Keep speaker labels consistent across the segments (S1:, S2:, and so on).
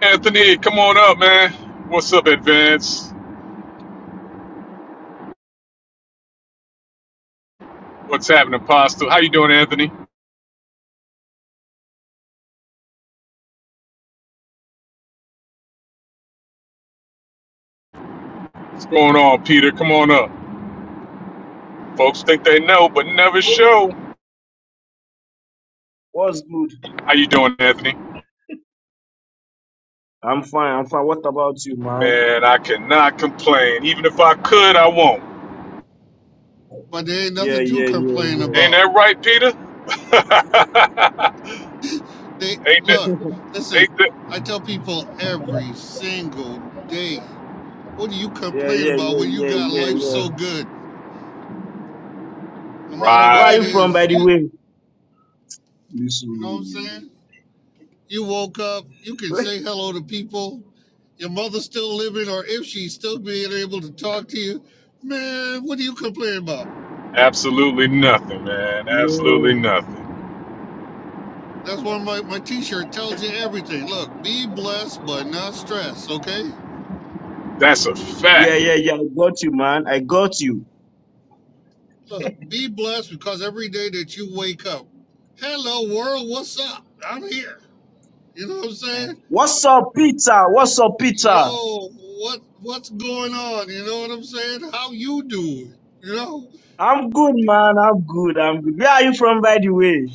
S1: Anthony, come on up, man. What's up, Advance? What's happening, Apostle? How you doing, Anthony? What's going on, Peter? Come on up. Folks think they know, but never show.
S2: What's good?
S1: How you doing, Anthony?
S2: I'm fine. I'm fine. What about you, man?
S1: Man, I cannot complain. Even if I could, I won't.
S3: but there ain't
S2: Yeah,
S3: nothing to
S2: yeah, yeah,
S3: complain
S2: yeah,
S1: Ain't
S3: about.
S1: that right, Peter?
S3: They
S1: ain't that?
S3: look, listen.
S1: Ain't that?
S3: I tell people every single day, what do you
S2: yeah,
S3: complain
S2: yeah, yeah,
S3: about
S2: yeah,
S3: when you
S2: yeah,
S3: got
S2: yeah.
S3: life
S2: yeah.
S3: so good? No matter
S2: Where
S3: what
S2: are
S1: Right.
S3: it
S2: you from,
S3: is,
S2: by the
S3: you
S2: way? Yes,
S3: you know what I'm saying?
S2: uh,
S3: You woke up, you can
S2: eh?
S3: say hello to people. Your mother's still living, or if she's still being able to talk to you, man, what do you complain about?
S1: Absolutely nothing, man. Absolutely
S2: No.
S1: nothing.
S3: That's why my, my t-shirt tells you everything. Look, be blessed but not stressed, okay?
S1: That's a
S2: Yeah,
S1: fact.
S2: yeah, yeah. I got you, man. I got you.
S3: Look, be blessed because every day that you wake up, hello world, what's up? I'm here. You know what I'm
S2: Like-
S3: saying?
S2: What's up, Peter? What's up, Peter?
S3: Yo, what what's going on? You know what I'm saying? How you doing? You know?
S2: I'm good, man. I'm good. I'm good. Where are you from, by the way?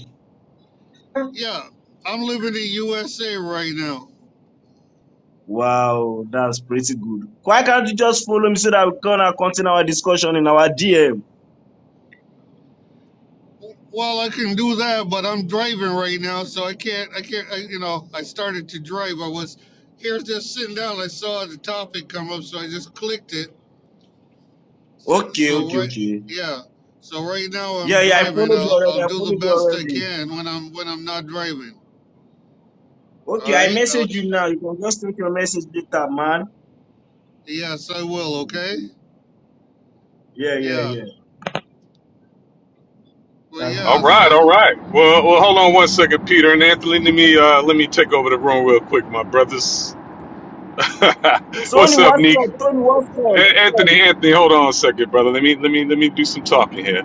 S3: Yeah, I'm living in USA right now.
S2: Wow, that's pretty good. Why can't you just follow me so that we can continue our discussion in our DM?
S3: Well, I can do that, but I'm driving right now, so I can't. I can't. I, you know, I started to drive. I was here just sitting down. I saw the topic come up, so I just clicked it So,
S2: Okay,
S3: so
S2: okay,
S3: right,
S2: okay.
S3: yeah. So right now
S2: Yeah,
S3: I'm
S2: yeah, I
S3: driving.
S2: followed you
S3: I'll
S2: already.
S3: I'll
S2: I
S3: do the
S2: followed you
S3: best I
S2: already.
S3: can when I'm when I'm not driving.
S2: Okay,
S3: All
S2: I
S3: right. I'll,
S2: message you now. You can just take your message later, man.
S3: yes, I will. Okay.
S2: Yeah, yeah,
S3: Yeah.
S2: yeah.
S3: Well,
S2: That's the
S1: All
S3: yeah.
S2: business.
S1: right,
S3: So
S1: all
S2: lady.
S1: right. Well, well, hold on one second, Peter and Anthony. Let me uh, let me take over the room real quick, my brothers. What's
S2: Sony,
S1: up,
S2: what's
S1: Neek?
S2: up? Tony, what's
S1: A-
S2: up?
S1: Anthony, Anthony, hold on a second, brother. Let me let me let me do some talking here.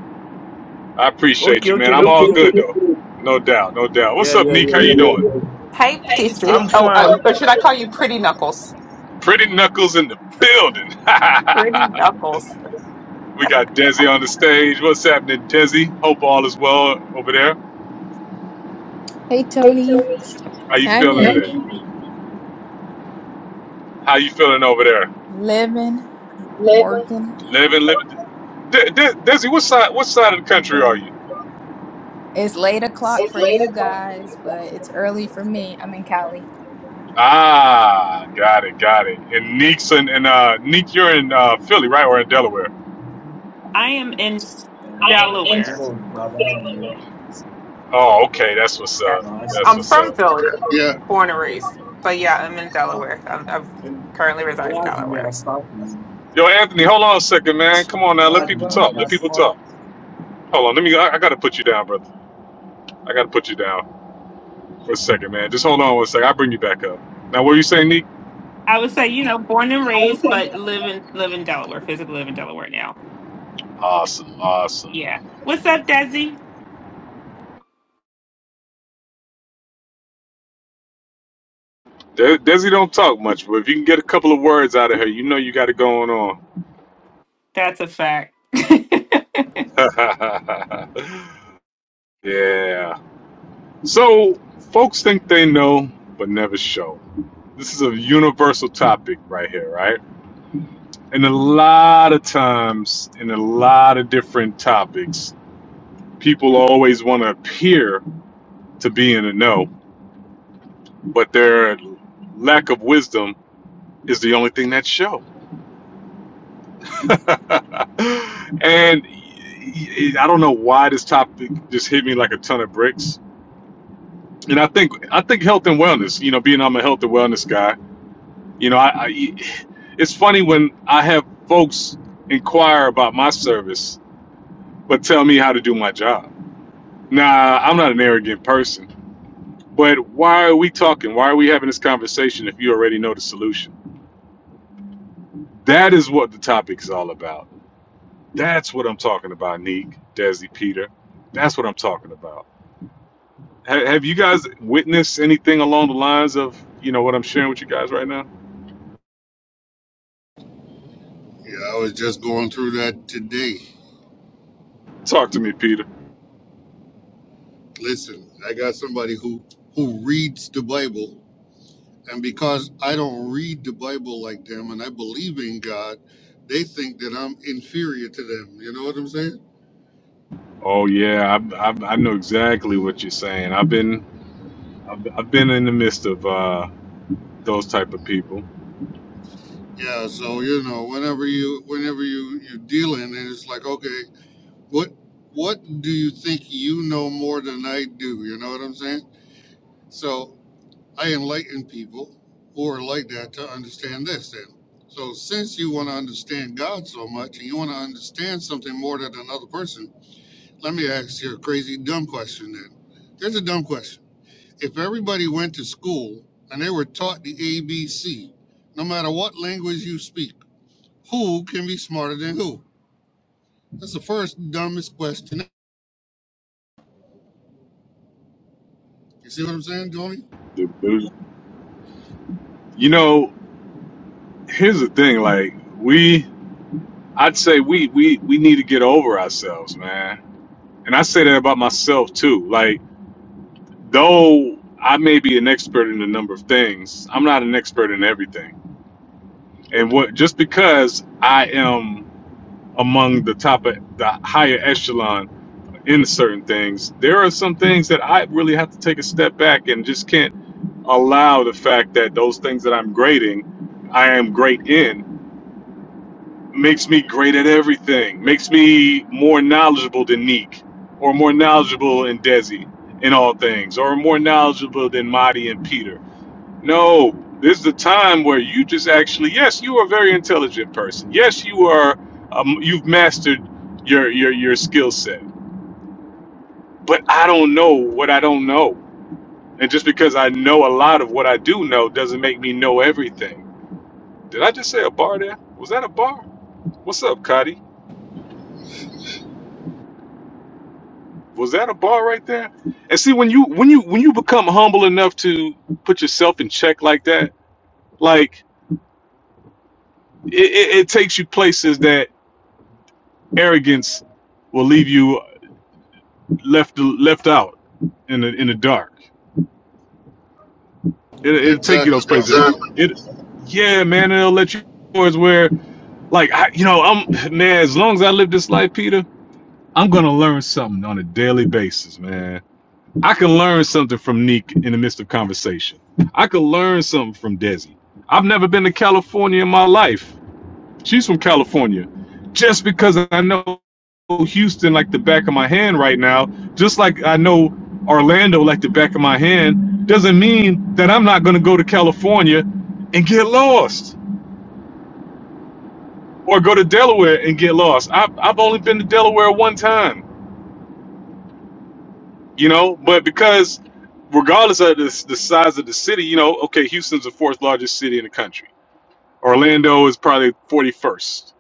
S1: I appreciate
S2: Okay,
S1: you, man.
S2: okay,
S1: I'm
S2: no
S1: all good
S2: problem.
S1: though. No doubt, no doubt. What's
S2: Yeah,
S1: up,
S2: yeah,
S1: Neek? How
S2: yeah,
S1: you
S2: yeah.
S1: doing?
S4: Hey, T-Street.
S2: I'm
S4: Oh, um,
S2: fine.
S4: but should I call you Pretty Knuckles?
S1: Pretty Knuckles in the building.
S4: Pretty Knuckles.
S1: we got Desi on the stage. What's happening, Desi? Hope all is well over there.
S5: Hey Tony,
S1: How you
S5: I
S1: feeling
S5: need
S1: today?
S2: Yeah, yeah.
S1: How you feeling over there?
S5: living, working.
S1: Living, living. De- De- Desi, what side what side
S2: Yeah,
S1: of the
S2: I'm
S1: country are
S2: done.
S1: you?
S5: It's late
S2: This,
S5: o'clock for you guys, but it's early for me. I'm in Cali.
S1: Ah, got it, got it. And Neek's in, and uh, Neek, you're in uh, Philly, right, or in Delaware?
S4: I am in
S2: yeah, you
S4: Delaware.
S2: know, Baba, yeah, it's
S1: Oh, okay. That's what's
S4: Yeah.
S1: up.
S2: my
S1: That's
S2: husband.
S4: I'm
S1: what's up.
S4: from Philly,
S3: yeah,
S2: I
S4: born and
S2: don't call him.
S4: raised. But yeah, I'm in
S2: Yeah.
S4: Delaware. I'm, I
S2: And
S4: currently reside in
S2: why do you
S4: Delaware.
S2: start from?
S1: Yo, Anthony, hold on a second, man. Come on now. Let
S2: Where do
S1: people
S2: you
S1: talk. Let people
S2: start?
S1: talk. Hold on. Let me. I, I gotta put you down, brother. I gotta put you down for a second, man. Just hold on one second. I'll bring you back up. Now, what are you saying, Neek?
S4: I would say, you know, born and raised, but live in live in Delaware, physically live in Delaware now.
S1: Awesome. Awesome.
S4: Yeah. What's up, Desi?
S1: De- Desi don't talk much, but if you can get a couple of words out of her, you know you got it going on.
S4: That's a fact.
S1: yeah. So, folks think they know, but never show. This is a universal topic right here, right? And a lot of times, in a lot of different topics, people always want to appear to be in the know, but their lack of wisdom is the only thing that show. and I don't know why this topic just hit me like a ton of bricks. And I think I think health and wellness. You know, being I'm a health and wellness guy. You know, I, I it's funny when I have folks inquire about my service, but tell me how to do my job Nah, I'm not an arrogant person. But why are we talking? Why are we having this conversation if you already know the solution? That is what the topic is all about. That's what I'm talking about, Neek, Desi, Peter. That's what I'm talking about. Ha- have you guys witnessed anything along the lines of you know what I'm sharing with you guys right now?
S3: yeah. I was just going through that today.
S1: Talk to me, Peter.
S3: Listen, I got somebody who who reads the Bible, and because I don't read the Bible like them, and I believe in God, they think that I'm inferior to them. You know what I'm saying?
S1: Oh yeah, I, I, I know exactly what you're saying. I've been I've, I've been in the midst of uh, those type of people.
S3: Yeah, so you know, whenever you whenever you you're dealing, and it's like, okay, what what do you think you know more than I do? You know what I'm saying? So I enlighten people who are like that to understand this. Then, so since you want to understand God so much, and you want to understand something more than another person, let me ask you a crazy dumb question. Then, here's a dumb question: If everybody went to school and they were taught the ABC, no matter what language you speak who can be smarter than who? That's the first dumbest question. You see what I'm saying, Tony?
S1: You know, here's the thing. Like we I'd say we we we need to get over ourselves, man. And I say that about myself too. Like, though I may be an expert in a number of things, I'm not an expert in everything. And what just because I am among the top of the higher echelon in certain things, there are some things that I really have to take a step back and just can't allow the fact that those things that I'm grading, I am great in makes me great at everything. Makes me more knowledgeable than Neek, or more knowledgeable than Desi in all things, or more knowledgeable than Marty and Peter. No, this is the time where you just actually, yes, you are a very intelligent person. Yes, you are. Um, you've mastered your your your skill set. But I don't know what I don't know, and just because I know a lot of what I do know doesn't make me know everything. Did I just say a bar there? Was that a bar? What's up, Cotty? Was that a bar right there? And see, when you when you when you become humble enough to put yourself in check like that, like it, it, it takes you places that arrogance will leave you left left out in the in the dark. It, it'll take you
S3: Exactly,
S1: those
S3: my
S1: places.
S3: brother.
S1: Exactly. It, yeah, man, it'll let you towards where, like, I, you know, I'm man. As long as I live this life, Peter, I'm gonna learn something on a daily basis, man. I can learn something from Neek in the midst of conversation. I could learn something from Desi. I've never been to California in my life. She's from California. Just because I know Houston like the back of my hand right now, just like I know Orlando like the back of my hand, doesn't mean that I'm not going to go to California and get lost or go to Delaware and get lost. I've, I've only been to Delaware one time. you know. But because, regardless of the, the size of the city, you know, okay, Houston's the fourth largest city in the country. Orlando is probably 41st.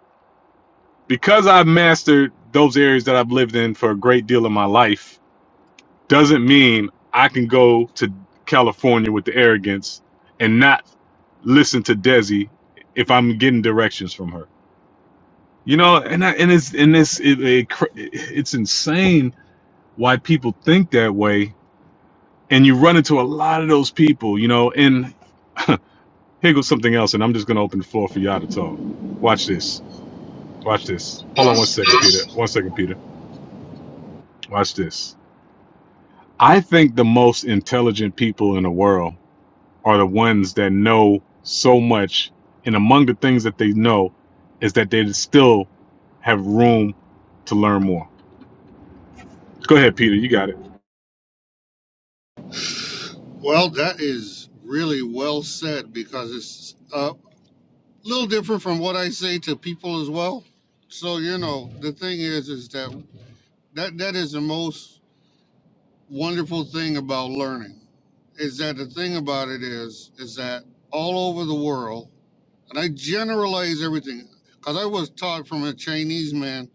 S1: Because I've mastered those areas that I've lived in for a great deal of my life, doesn't mean I can go to California with the arrogance and not listen to Desi if I'm getting directions from her. You know, and I, and it's and it's it, it, it's insane why people think that way and you run into a lot of those people, you know. And here goes something else, and I'm just gonna open the floor for y'all to talk. Watch this. Watch this. Hold on
S3: Uh,
S1: one second, Peter. One second, Peter. Watch this. I think the most intelligent people in the world are the ones that know so much, and among the things that they know is that they still have room to learn more. Go ahead, Peter. You got it.
S3: well, that is really well said because it's a little different from what I say to people as well. So you know, the thing is, is that that that is the most wonderful thing about learning is that the thing about it is is that all over the world, and I generalize everything because I was taught from a Chinese man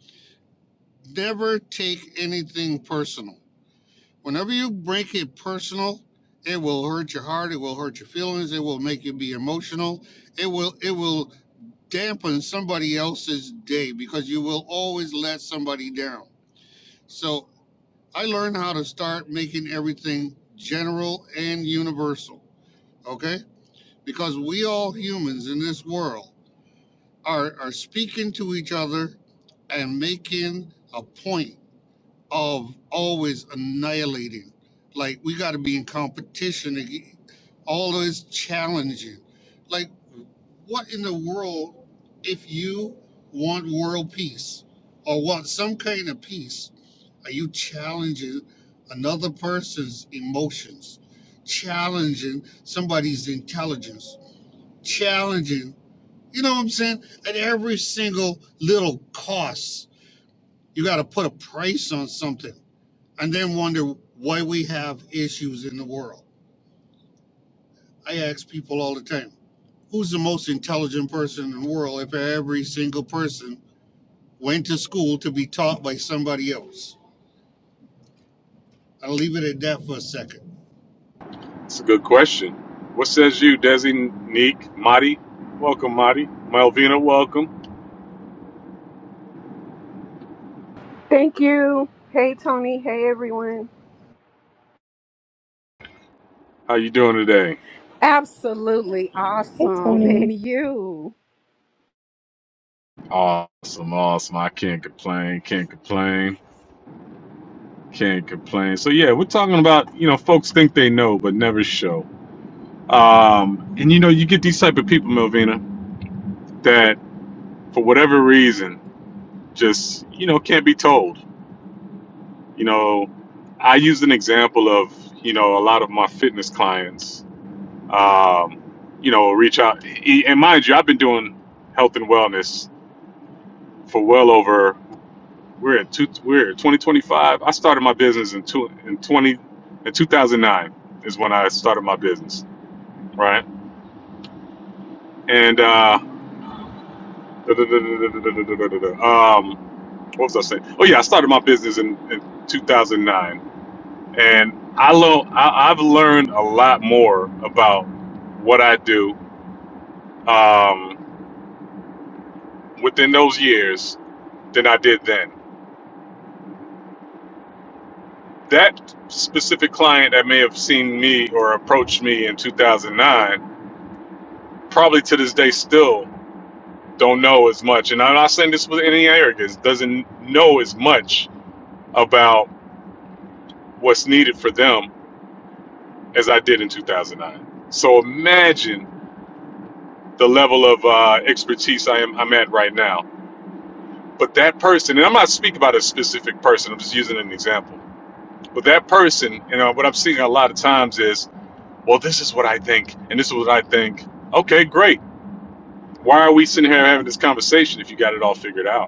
S3: Never take anything personal. Whenever you break it personal, it will hurt your heart, it will hurt your feelings, it will make you be emotional. It will it will dampen somebody else's day because you will always let somebody down. So, I learned how to start making everything general and universal, okay? Because we all humans in this world are are speaking to each other and making a point of always annihilating. Like we got to be in competition. ag- Always challenging. Like what in the world if you want world peace or want some kind of peace are you challenging another person's emotions challenging somebody's intelligence challenging you know what i'm saying at every single little cost you got to put a price on something and then wonder why we have issues in the world. I ask people all the time, who's the most intelligent person in the world if every single person went to school to be taught by somebody else? I'll leave it at that for a second.
S1: It's a good question. What says you, Desi, Neek, Madi? Welcome, Madi. Malvina, welcome.
S6: Thank you. Hey, Tony. Hey, everyone.
S1: How you doing today?
S6: Absolutely
S7: Hey,
S6: awesome. And
S7: Tony.
S6: you.
S1: Awesome, awesome. I can't complain, can't complain, can't complain. So yeah, we're talking about, you know, folks think they know but never show. Um, and you know, you get these type of people, Melvina, that for whatever reason just, you know, can't be told. You know, I use an example of, you know, a lot of my fitness clients um, you know, reach out and mind you, I've been doing health and wellness for well over We're at two, we're at 2025. I started my business in two, in 20 in 2009 is when I started my business, right? And uh, da- da- da- da- da- da- da- da- da- da- da. um, what was I saying? Oh yeah, I started my business in, in 2009, and I lo- I, I've learned a lot more about what I do um, within those years than I did then. That specific client that may have seen me or approached me in 2009 probably to this day still don't know as much. And I'm not saying this with any arrogance, doesn't know as much about what's needed for them as I did in 2009. So imagine the level of uh, expertise I am I'm at right now. But that person, and I'm not speaking about a specific person. I'm just using an example. But that person, you know, what I'm seeing a lot of times is, well, this is what I think, and this is what I think. Okay, great. Why are we sitting here having this conversation if you got it all figured out?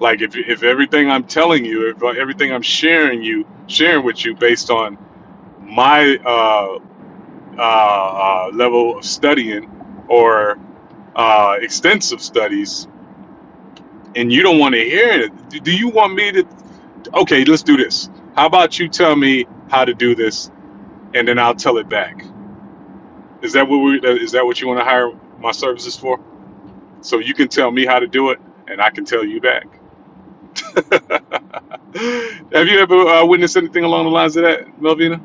S1: Like if if everything I'm telling you, if uh, everything I'm sharing you, sharing with you based on my uh, uh, uh, level of studying or uh, extensive studies, and you don't want to hear it, do you want me to? Okay, let's do this. How about you tell me how to do this, and then I'll tell it back. Is that what we? uh, Is that what you want to hire my services for? So you can tell me how to do it, and I can tell you back. Have you ever uh, witnessed anything along the lines of that, Melvina?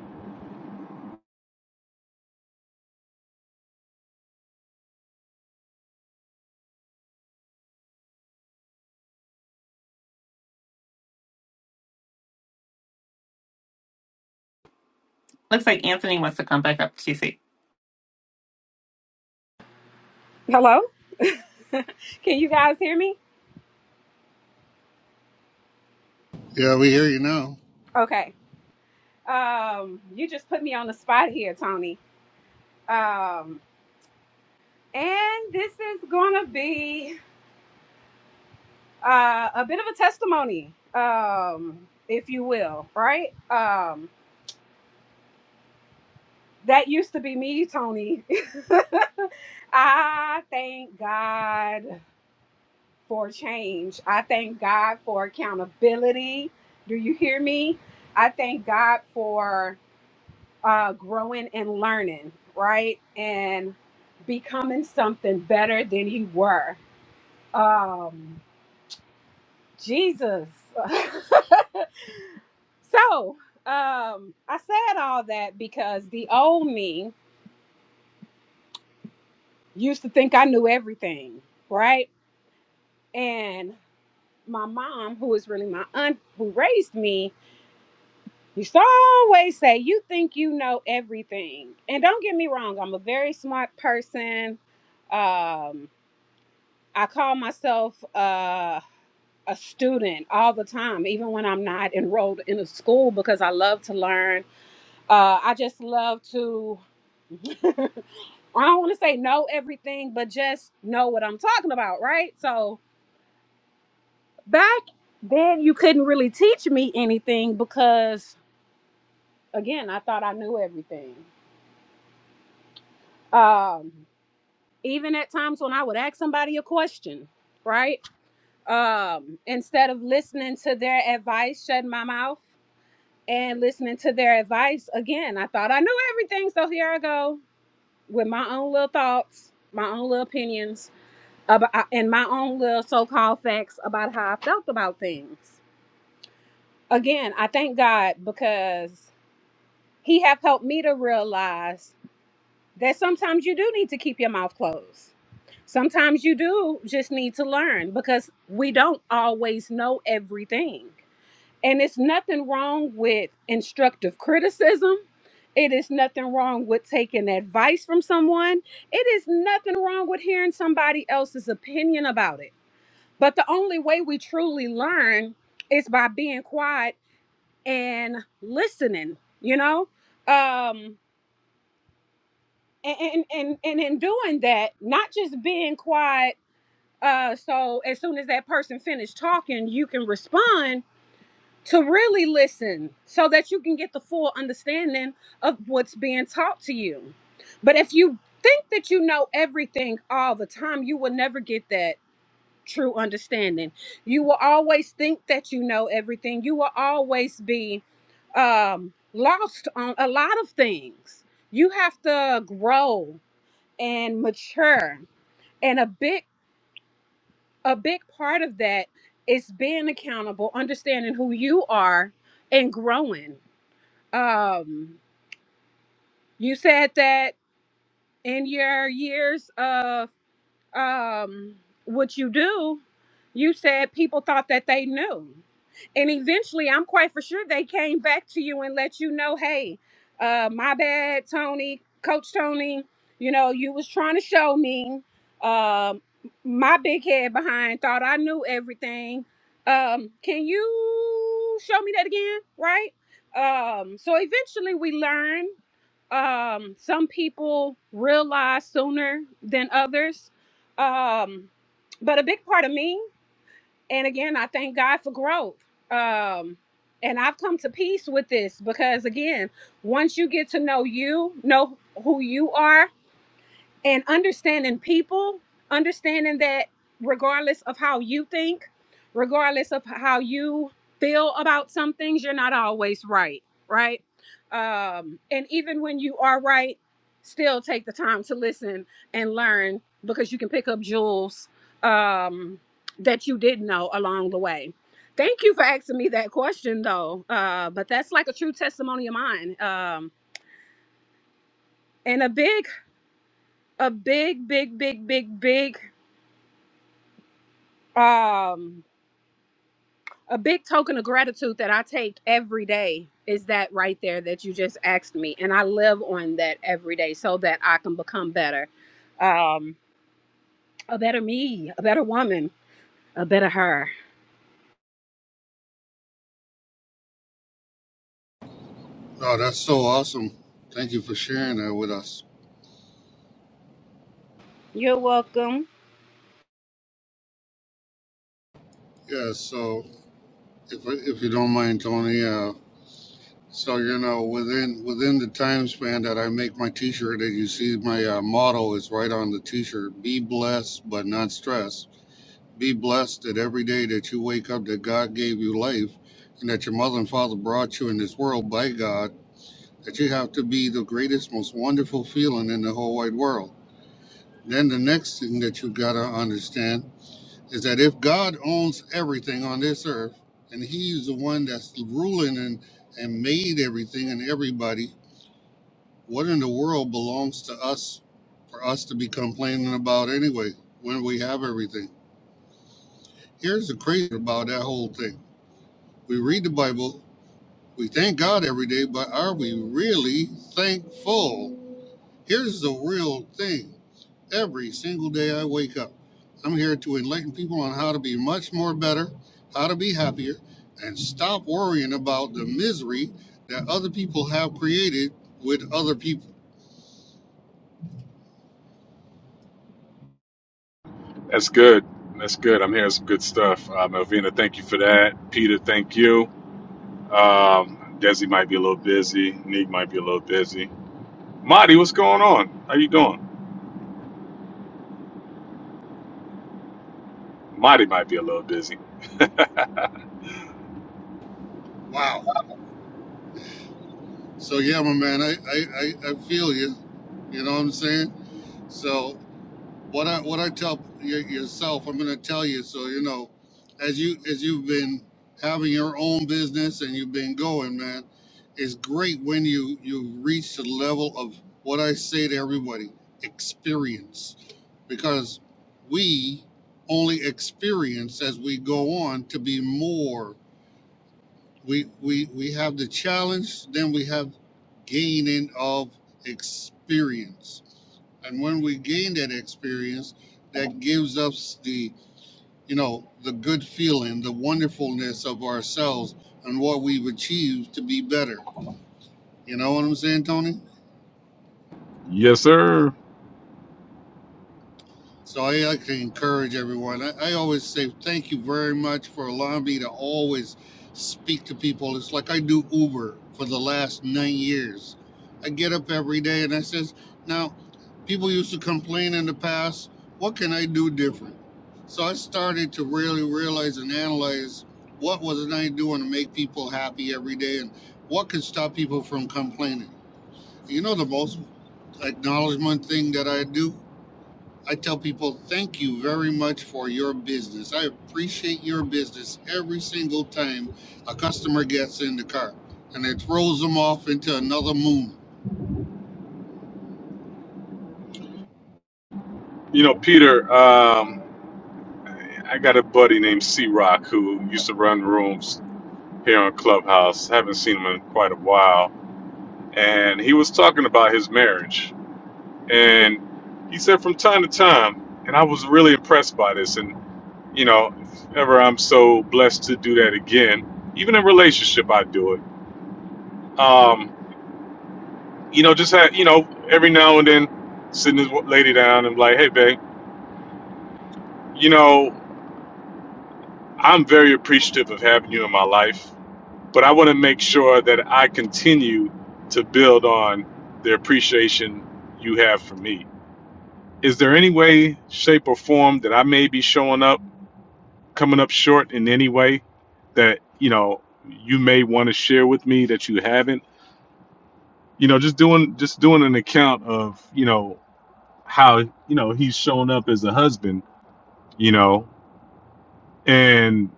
S4: Looks like Anthony wants to come back up, CC.
S6: Hello? Can you guys hear me?
S3: Yeah, we hear you now.
S6: Okay. Um, you just put me on the spot here, Tony. Um, and this is going to be uh, a bit of a testimony, um, if you will, right? Um, that used to be me, Tony. I thank God. for change. I thank God for accountability. Do you hear me? I thank God for uh, growing and learning, right? And becoming something better than you were. Um, Jesus. so um, I said all that because the old me used to think I knew everything, right? And my mom, who is really my aunt who raised me, You always say you think you know everything, and don't get me wrong, I'm a very smart person. Um, I call myself uh, a student all the time, even when I'm not enrolled in a school, because I love to learn. Uh, I just love to. I don't want to say know everything, but just know what I'm talking about, right? So back then, you couldn't really teach me anything because, again, I thought I knew everything. um, even at times when I would ask somebody a question, right? Um, instead of listening to their advice, shutting my mouth and listening to their advice again. I thought I knew everything, so here I go with my own little thoughts, my own little opinions about, and my own little so-called facts about how I felt about things. Again, I thank God because He have helped me to realize that sometimes you do need to keep your mouth closed. Sometimes you do just need to learn because we don't always know everything. And it's nothing wrong with instructive criticism. It is nothing wrong with taking advice from someone. It is nothing wrong with hearing somebody else's opinion about it. But the only way we truly learn is by being quiet and listening, you know? Um and and and in doing that, not just being quiet. Uh, so as soon as that person finished talking, you can respond to really listen, so that you can get the full understanding of what's being taught to you. But if you think that you know everything all the time, you will never get that true understanding. You will always think that you know everything. You will always be um, lost on a lot of things. You have to grow and mature. And a big a big part of that is being accountable, understanding who you are and growing. Um you said that in your years of. um, what you do, you said people thought that they knew. And eventually, I'm quite for sure they came back to you and let you know, hey, uh, my bad, Tony, Coach Tony, you know, you was trying to show me um, my big head behind, thought I knew everything. Um, can you show me that again? Right? Um, so eventually, we learn um some people realize sooner than others um, but a big part of me, and again, I thank God for growth. Um, and I've come to peace with this because, again, once you get to know you, know who you are, and understanding people, understanding that regardless of how you think, regardless of how you feel about some things, you're not always right, right? Um, and even when you are right, still take the time to listen and learn because you can pick up jewels um, that you didn't know along the way. Thank you for asking me that question, though. Uh, but that's like a true testimony of mine, um, and a big, a big, big, big, big, big um a big token of gratitude that I take every day is that right there that you just asked me and I live on that every day so that I can become better um a better me a better woman a better her
S3: Oh, that's so awesome. Thank you for sharing that with us.
S6: You're welcome.
S3: Yeah, so if, if you don't mind, Tony, uh, So you know, within within the time span that I make my T-shirt, as you see, my uh, motto is right on the T-shirt: "Be blessed, but not stressed. Be blessed that every day that you wake up, that God gave you life, and that your mother and father brought you in this world by God. That you have to be the greatest, most wonderful feeling in the whole wide world." Then the next thing that you gotta understand is that if God owns everything on this earth, and He's the one that's ruling and and made everything and everybody what in the world belongs to us for us to be complaining about anyway when we have everything? Here's the crazy about that whole thing. We read the Bible, we thank God every day, but are we really thankful? Here's the real thing. Every single day I wake up, I'm here to enlighten people on how to be much more better, how to be happier, and stop worrying about the misery that other people have created with other people.
S1: That's good. That's good. I'm hearing some good stuff. Uh, Melvina, thank you for that. Peter, thank you. Um, Desi might be a little busy. Neek might be a little busy. Marty, what's going on? How you doing? Marty might be a little busy.
S3: Wow So yeah, my man, I, I, I, I feel you. You know what I'm saying? So what I what I tell y- yourself, I'm gonna tell you. So you know, as you as you've been having your own business and you've been going, man, it's great when you you reach the level of what I say to everybody, experience, because we only experience as we go on to be more we we we have the challenge then we have gaining of experience and when we gain that experience that gives us the you know the good feeling the wonderfulness of ourselves and what we've achieved to be better you know what i'm saying tony
S1: Yes, sir.
S3: So I like to encourage everyone. I, I always say thank you very much for allowing me to always speak to people. It's like I do Uber for the last nine years. I get up every day and I says, now people used to complain in the past, what can I do different? So I started to really realize and analyze what was it I doing to make people happy every day and what could stop people from complaining. You know the most acknowledgement thing that I do? I tell people, thank you very much for your business. I appreciate your business every single time a customer gets in the car and it throws them off into another moon.
S1: You know, Peter, um, I got a buddy named C Rock who used to run rooms here on Clubhouse. Haven't seen him in quite a while. And he was talking about his marriage. And he said from time to time, and I was really impressed by this. and. you know, if ever I'm so blessed to do that again, even in relationship, I do it. Um, you know, just have, you know, every now and then sitting this lady down and like, hey, babe, you know, I'm very appreciative of having you in my life, but I want to make sure that I continue to build on the appreciation you have for me. Is there any way, shape, or form that I may be showing up, coming up short in any way that, you know, you may want to share with me that you haven't? you know just doing just doing an account of you know how you know he's shown up as a husband you know and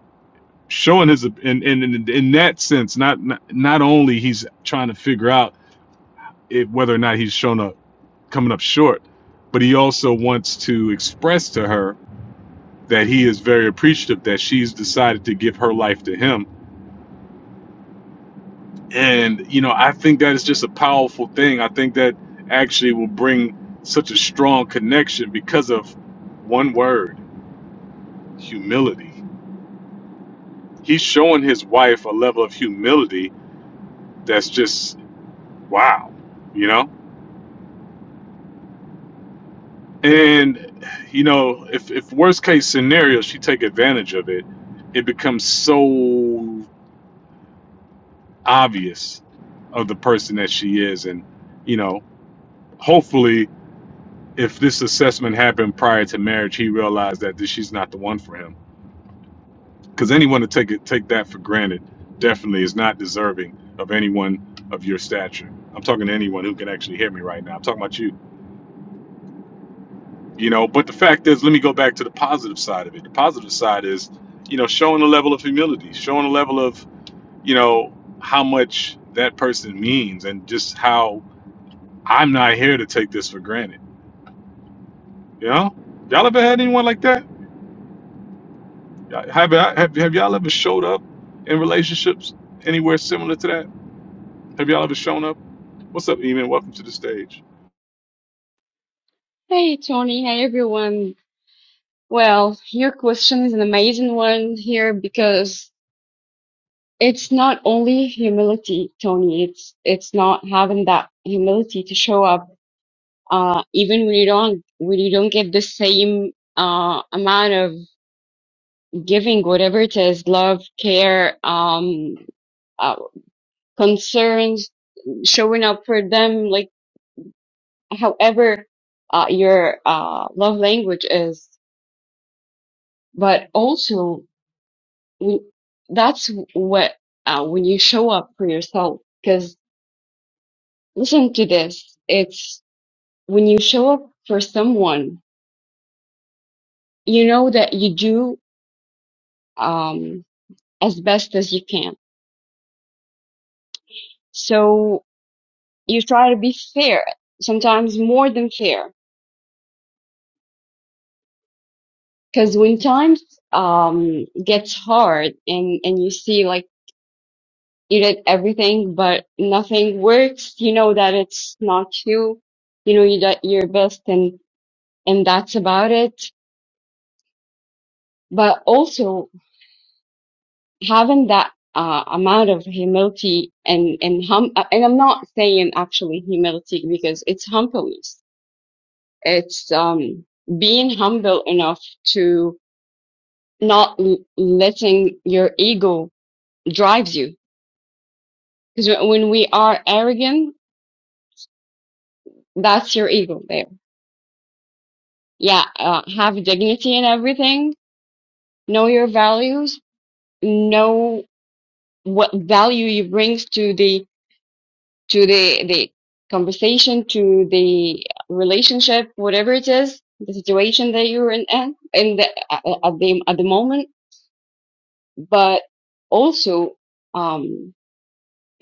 S1: showing his and in, in, in that sense not, not not only he's trying to figure out if whether or not he's shown up coming up short but he also wants to express to her that he is very appreciative that she's decided to give her life to him And, you know, I think that is just a powerful thing. I think that actually will bring such a strong connection because of one word humility. He's showing his wife a level of humility that's just wow, you know? And, you know, if, if worst case scenario, she take advantage of it, it becomes so obvious of the person that she is. And, you know, hopefully if this assessment happened prior to marriage, he realized that this, she's not the one for him. Because anyone to take it, take that for granted, definitely is not deserving of anyone of your stature. I'm talking to anyone who can actually hear me right now. I'm talking about you. You know, but the fact is, let me go back to the positive side of it. The positive side is, you know, showing a level of humility, showing a level of, you know, how much that person means, and just how I'm not here to take this for granted. You know, y'all ever had anyone like that? Y'all- Have, y'all- have, have y'all ever showed up in relationships anywhere similar to that? Have y'all ever shown up? What's up, Eamon? Welcome to the stage.
S8: Hey Tony, hey everyone. Well, your question is an amazing one here because it's not only humility, Tony. It's it's not having that humility to show up, uh, even when you don't when you don't get the same uh amount of giving, whatever it is, love, care, um, uh, concerns, showing up for them, like however uh, your uh love language is, but also. we, that's what uh, when you show up for yourself because listen to this it's when you show up for someone you know that you do um, as best as you can so you try to be fair sometimes more than fair because when times um, gets hard and and you see like you did everything but nothing works you know that it's not you you know you did your best and and that's about it but also having that uh, amount of humility and and hum uh, and I'm not saying actually humility because it's humbleness. It's um being humble enough to not l- letting your ego drives you. Because when we are arrogant, that's your ego there. Yeah, uh, have dignity in everything. Know your values. Know what value you brings to the to the the conversation to the relationship whatever it is the situation that you're in in the, at the at the moment but also um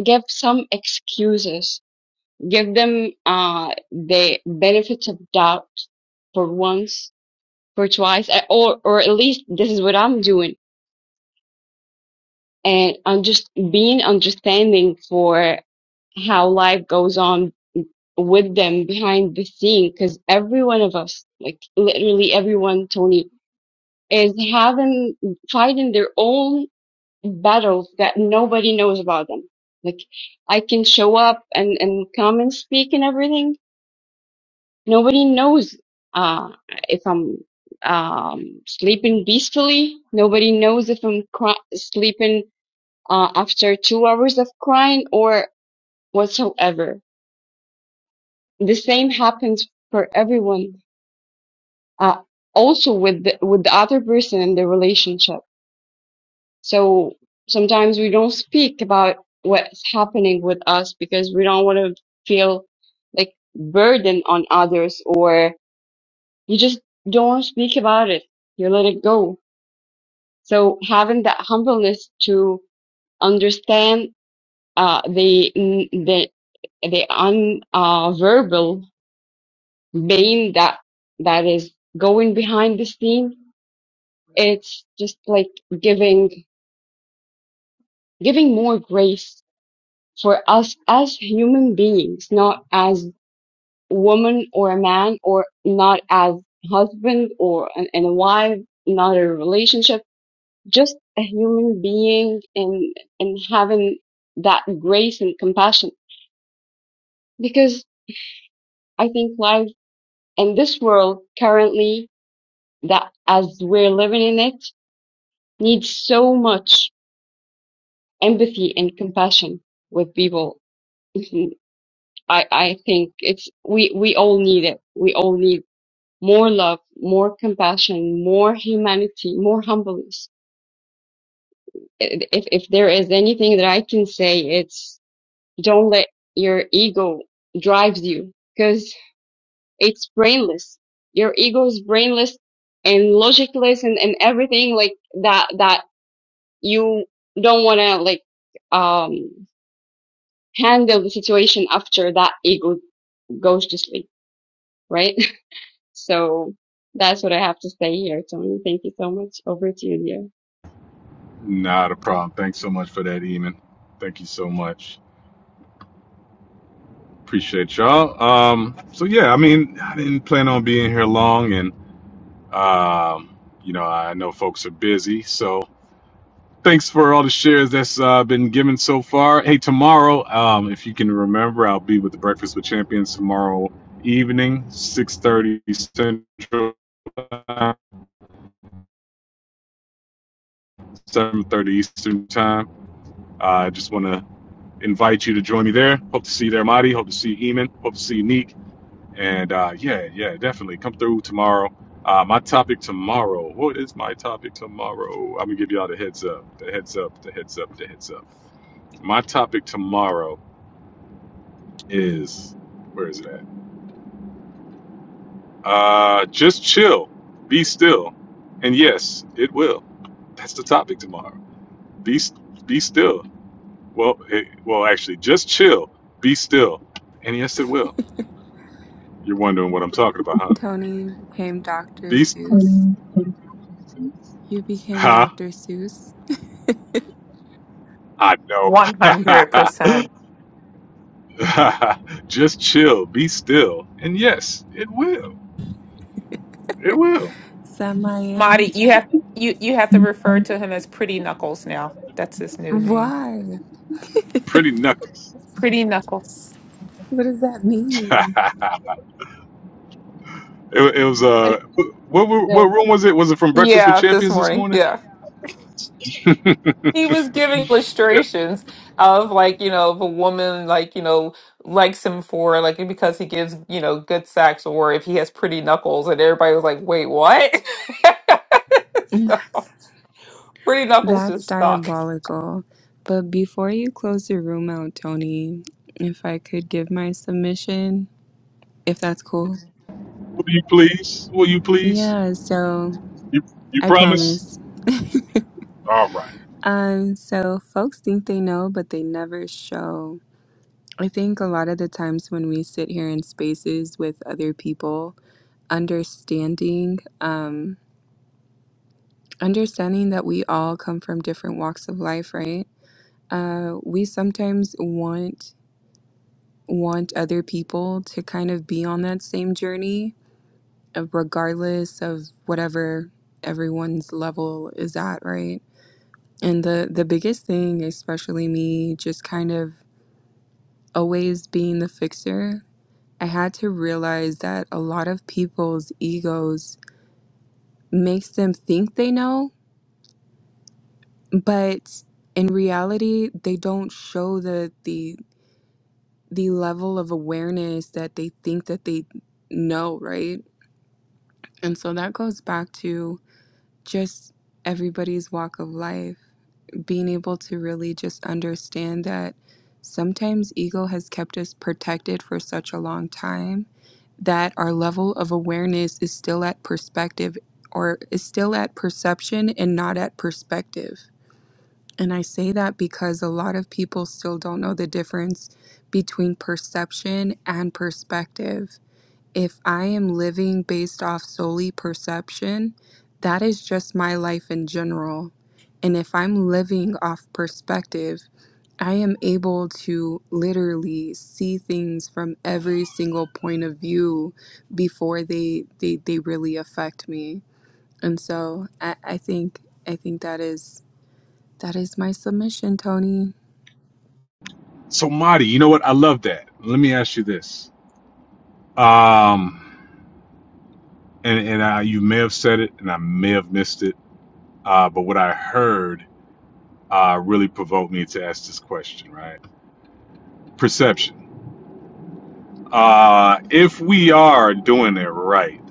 S8: give some excuses give them uh the benefits of doubt for once for twice uh, or or at least this is what i'm doing and i'm just being understanding for how life goes on with them behind the scene because every one of us, like literally everyone, Tony, is having fighting their own battles that nobody knows about them. Like I can show up and and come and speak and everything. Nobody knows uh if I'm um sleeping peacefully. Nobody knows if I'm cry- sleeping uh after two hours of crying or whatsoever. The same happens for everyone uh, also with the, with the other person in the relationship. So sometimes we don't speak about what's happening with us because we don't want to feel like burden on others or you just don't speak about it. You let it go. So having that humbleness to understand uh, the the the un uh, verbal pain that that is going behind the scene It's just like giving giving more grace for us as human beings, not as woman or a man, or not as husband or an, and a wife, not a relationship, just a human being and and having that grace and compassion. Because I think life in this world currently that as we're living in it needs so much empathy and compassion with people. I I think it's we we all need it. We all need more love, more compassion, more humanity, more humbleness. If if there is anything that I can say, it's don't let your ego drives you because it's brainless. Your ego is brainless and logicless and and everything like that that you don't want to like um handle the situation after that ego goes to sleep, right? So that's what I have to say here, Tony. Thank you so much. Over to you, dear.
S1: Not a problem. Thanks so much for that, Eamon. Thank you so much. Appreciate y'all. Um, so yeah, I mean, I didn't plan on being here long, and um, you know, I know folks are busy, so Thanks for all the shares that's uh, been given so far. Hey, tomorrow, um, if you can remember, I'll be with the Breakfast with Champions tomorrow evening, six thirty Central, seven thirty Eastern time. I uh, just want to invite you to join me there. Hope to see you there, Marty. Hope to see you, Eamon. Hope to see you, Neek. And uh, yeah, yeah, definitely come through tomorrow. Uh, my topic tomorrow. What is my topic tomorrow? I'm gonna give y'all the heads up, the heads up, the heads up, the heads up. My topic tomorrow is where is it at? Uh, just chill, be still, and yes, it will. That's the topic tomorrow. Be be still. Well, it, well, actually, just chill, be still, and yes, it will. You're wondering what I'm talking about, huh?
S7: Tony became Dr.
S1: Be st-
S7: Seuss. You became
S1: huh?
S7: Dr. Seuss.
S1: I know.
S4: 100%.
S1: just chill, be still, and yes, it will. It will.
S7: Sam I
S4: Marty,
S7: am.
S4: you have you you have to refer to him as Pretty Knuckles now. That's his new name.
S7: Why?
S1: Pretty knuckles.
S4: Pretty Knuckles.
S7: What does that mean?
S1: it, it was
S8: But
S1: uh, what what
S8: the
S1: room was it? Was it from Breakfast with
S4: Yeah, this
S1: Champions this
S4: morning.
S1: morning?
S4: Yeah. He was giving illustrations of like, you know, if a woman like, you know, likes him for like because he gives, you know, good sex or if he has pretty knuckles and everybody was like, Wait, what? so pretty knuckles
S7: That's
S4: just stuck.
S7: diabolical. But before you close the room out, Tony, if I could give my submission, if that's cool.
S1: Will you please? Will you please?
S7: Yeah, so
S1: You you
S7: I
S1: promise?
S7: promise.
S1: All right.
S7: Um, so folks think they know, but they never show. I think a lot of the times when we sit here in spaces with other people, understanding um understanding that we all come from different walks of life right uh we sometimes want want other people to kind of be on that same journey uh, regardless of whatever everyone's level is at right and the the biggest thing especially me just kind of always being the fixer i had to realize that a lot of people's egos makes them think they know but in reality they don't show the the the level of awareness that they think that they know right and so that goes back to just everybody's walk of life being able to really just understand that sometimes ego has kept us protected for such a long time that our level of awareness is still at perspective or is still at perception and not at perspective And I say that because a lot of people still don't know the difference between perception and perspective. If I am living based off solely perception, that is just my life in general. And if I'm living off perspective, I am able to literally see things from every single point of view before they they, they really affect me. And so I, I think I think that is that is my submission, Tony.
S1: So Marty, you know what? I love that. Let me ask you this. Um, and and I, you may have said it, and I may have missed it. Uh, but what I heard uh, really provoked me to ask this question. Right? Perception. Uh, if we are doing it right,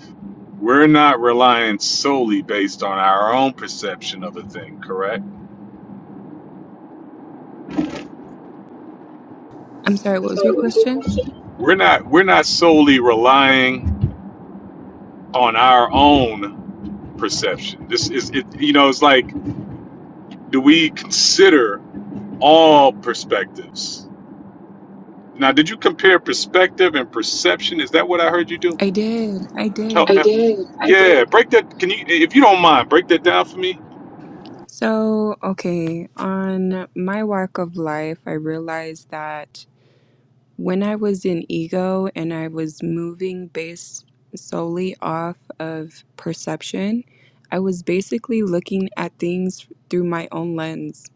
S1: we're not relying solely based on our own perception of a thing. Correct?
S7: I'm sorry, what was your question?
S1: We're not. We're not solely relying on our own perception. This is it, you know, it's like do we consider all perspectives? Now, did you compare perspective and perception? Is that what I heard you do?
S7: I did. I
S1: Help,
S7: did.
S1: Yeah, did. break that. Can you, if you don't mind, break that down for me?
S7: So, okay, on my walk of life, I realized that when I was in ego and I was moving based solely off of perception, I was basically looking at things through my own lens.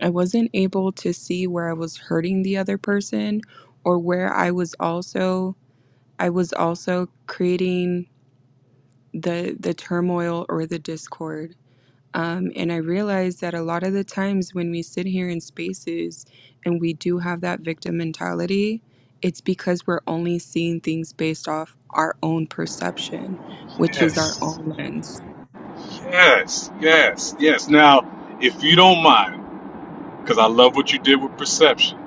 S7: I wasn't able to see where I was hurting the other person or where I was also I was also creating the the turmoil or the discord. Um, and I realize that a lot of the times when we sit here in spaces and we do have that victim mentality, it's because we're only seeing things based off our own perception, which is our
S1: Yes,
S7: own lens.
S1: yes, yes, yes. Now, if you don't mind, because I love what you did with perception,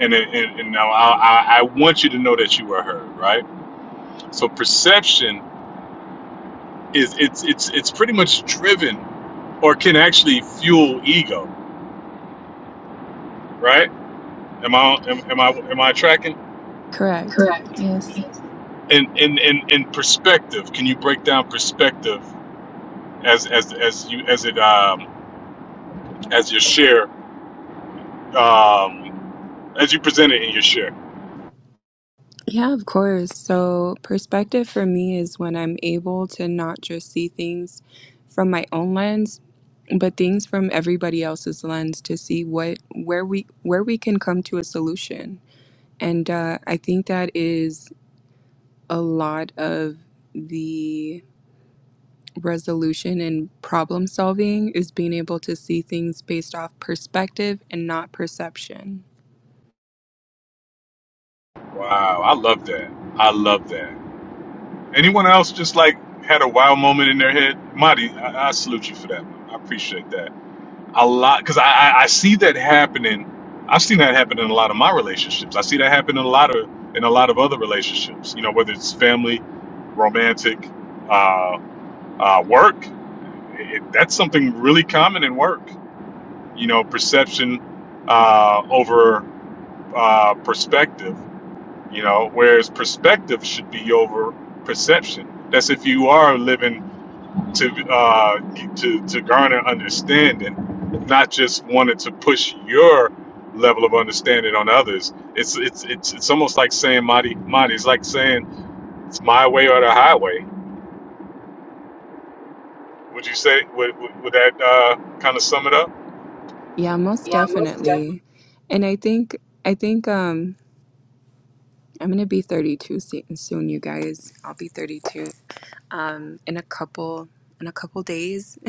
S1: and and, and now I I want you to know that you were heard, right? So perception is it's it's it's pretty much driven. or can actually fuel ego, right? Am I am, am I am I tracking?
S7: Correct. Yes.
S1: And in in in perspective, can you break down perspective as as as you as it um as your share um as you present it in your share?
S7: Yeah, of course. So, perspective for me is when I'm able to not just see things from my own lens, but things from everybody else's lens to see what where we where we can come to a solution. And uh, I think that is a lot of the resolution and problem solving is being able to see things based off perspective and not perception.
S1: Wow, I love that. I love that. Anyone else just like had a wow moment in their head? Marty, I, I salute you for that. I appreciate that. a lot because I, I I see that happening. I've seen that happen in a lot of my relationships. I see that happen in a lot of in a lot of other relationships. You know, whether it's family, romantic, uh, uh, work. It, that's something really common in work. You know, perception uh, over uh, perspective. You know, whereas perspective should be over perception. That's if you are living to uh, to to garner understanding, not just wanting to push your level of understanding on others. It's it's it's it's almost like saying Marty Marty. It's like saying it's my way or the highway. Would you say would would, would that uh, kind of sum it up?
S7: Yeah, most definitely. And I think I think um I'm gonna be 32 se- soon, you guys. I'll be 32 um, in a couple in a couple days.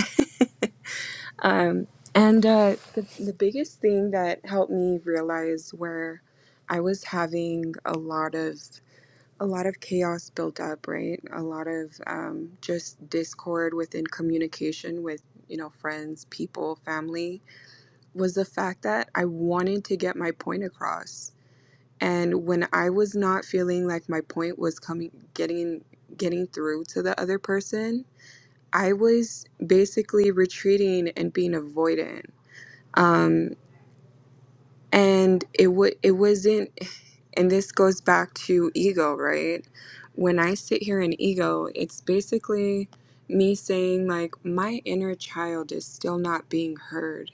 S7: Um, and uh, the the biggest thing that helped me realize where I was having a lot of a lot of chaos built up, right? A lot of um, just discord within communication with you know friends, people, family was the fact that I wanted to get my point across and when I was not feeling like my point was coming getting getting through to the other person, I was basically retreating and being avoidant. Um and it would it wasn't and this goes back to ego, right? When I sit here in ego, it's basically me saying like my inner child is still not being heard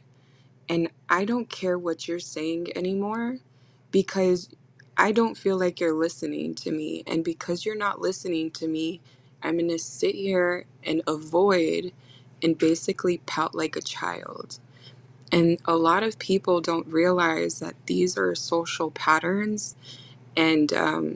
S7: and I don't care what you're saying anymore because I don't feel like you're listening to me. And because you're not listening to me, I'm going to sit here and avoid and basically pout like a child. And a lot of people don't realize that these are social patterns. And um,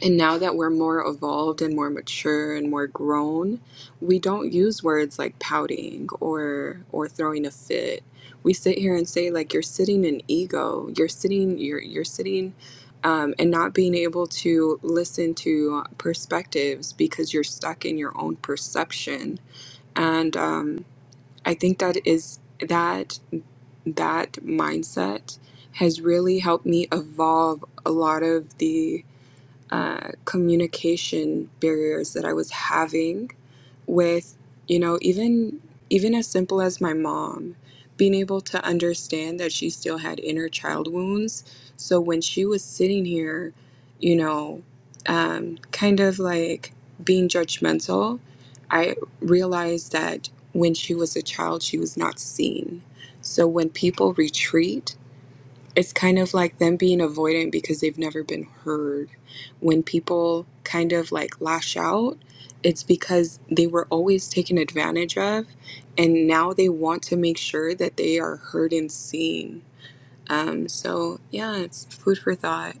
S7: and now that we're more evolved and more mature and more grown, we don't use words like pouting or or throwing a fit. We sit here and say like you're sitting in ego. You're sitting you're you're sitting um, and not being able to listen to perspectives because you're stuck in your own perception. And um, I think that is that that mindset has really helped me evolve a lot of the uh, communication barriers that I was having with, you know, even even as simple as my mom being able to understand that she still had inner child wounds. So when she was sitting here, you know, um, kind of like being judgmental, I realized that when she was a child, she was not seen. So when people retreat it's kind of like them being avoidant because they've never been heard. When people kind of like lash out, it's because they were always taken advantage of, and now they want to make sure that they are heard and seen. Um, so, yeah, it's food for thought.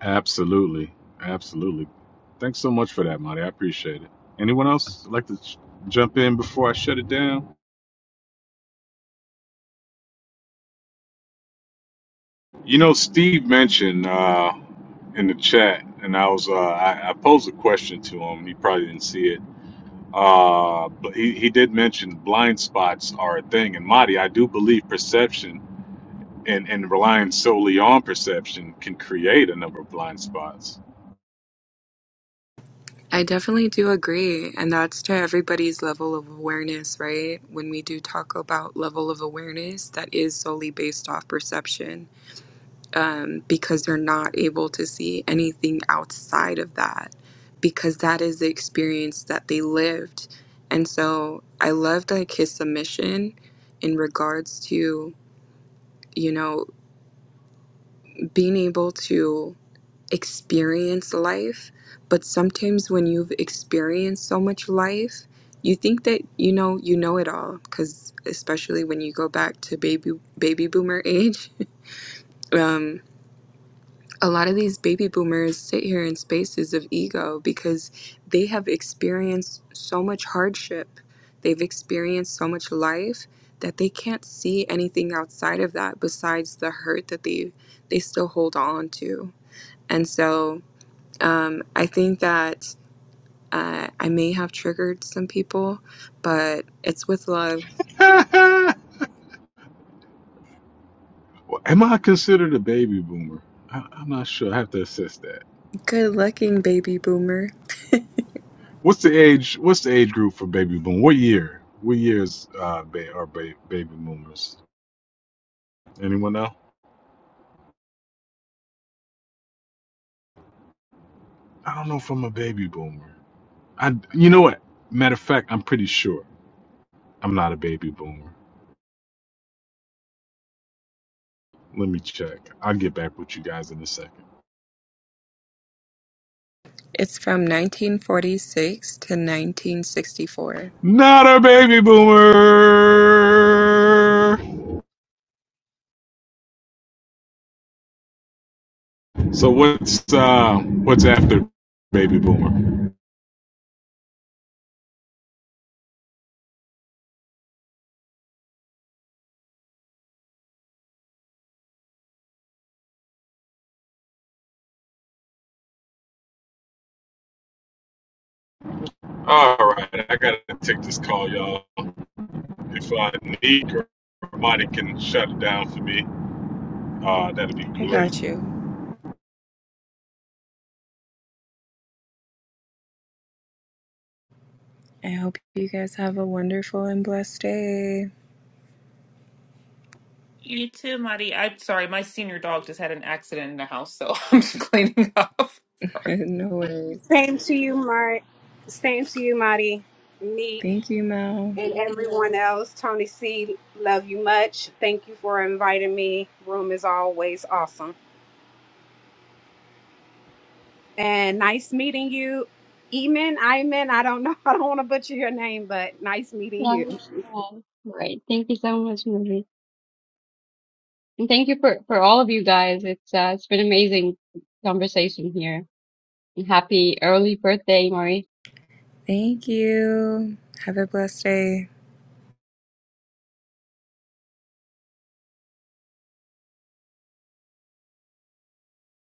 S1: Absolutely. Absolutely. Thanks so much for that, Marty. I appreciate it. Anyone else like to j- jump in before I shut it down? You know, Steve mentioned uh, in the chat, and I was uh, I, I posed a question to him. He probably didn't see it, uh, but he, he did mention blind spots are a thing. And Marty, I do believe perception and and relying solely on perception can create a number of blind spots.
S7: I definitely do agree, and that's to everybody's level of awareness, right? When we do talk about level of awareness, that is solely based off perception um, because they're not able to see anything outside of that because that is the experience that they lived. And so I loved like his submission in regards to, you know, being able to experience life. But sometimes when you've experienced so much life, you think that you know you know it all because especially when you go back to baby baby boomer age um, a lot of these baby boomers sit here in spaces of ego because they have experienced so much hardship. They've experienced so much life that they can't see anything outside of that besides the hurt that they they still hold on to. And so um, I think that uh, I may have triggered some people, but it's with love.
S1: well, am I considered a baby boomer? I, I'm not sure. I have to assess that.
S7: Good looking baby boomer.
S1: What's the age? What's the age group for baby boom? What year? What years uh, ba- are ba- baby boomers? Anyone know? I don't know if I'm a baby boomer. I, you know what? Matter of fact, I'm pretty sure I'm not a baby boomer. Let me check. I'll get back with you guys in a second.
S7: It's from 1946 to 1964.
S1: Not a baby boomer. So what's uh, what's after baby boomer? All right, I gotta take this call, y'all. If I need, or Monty can shut it down for me. Uh, that'd be
S7: I
S1: great.
S7: got you. I hope you guys have a wonderful and blessed day.
S4: You too, Marty. I'm sorry, my senior dog just had an accident in the house, so I'm just cleaning up. Sorry.
S7: no worries.
S6: Same to you, Mart. Same to you, Marty, Neek,
S7: Thank you, Mel.
S6: and everyone else. Tony C, love you much. Thank you for inviting me. Room is always awesome. and nice meeting you. Eamon, Iman, I don't know. I don't want to butcher your name, but nice meeting you.
S8: language, yeah, right. Thank you so much, Marie. And thank you for, for all of you guys. It's uh, it's been amazing conversation here. And happy early birthday, Marie.
S7: Thank you. Have a blessed day.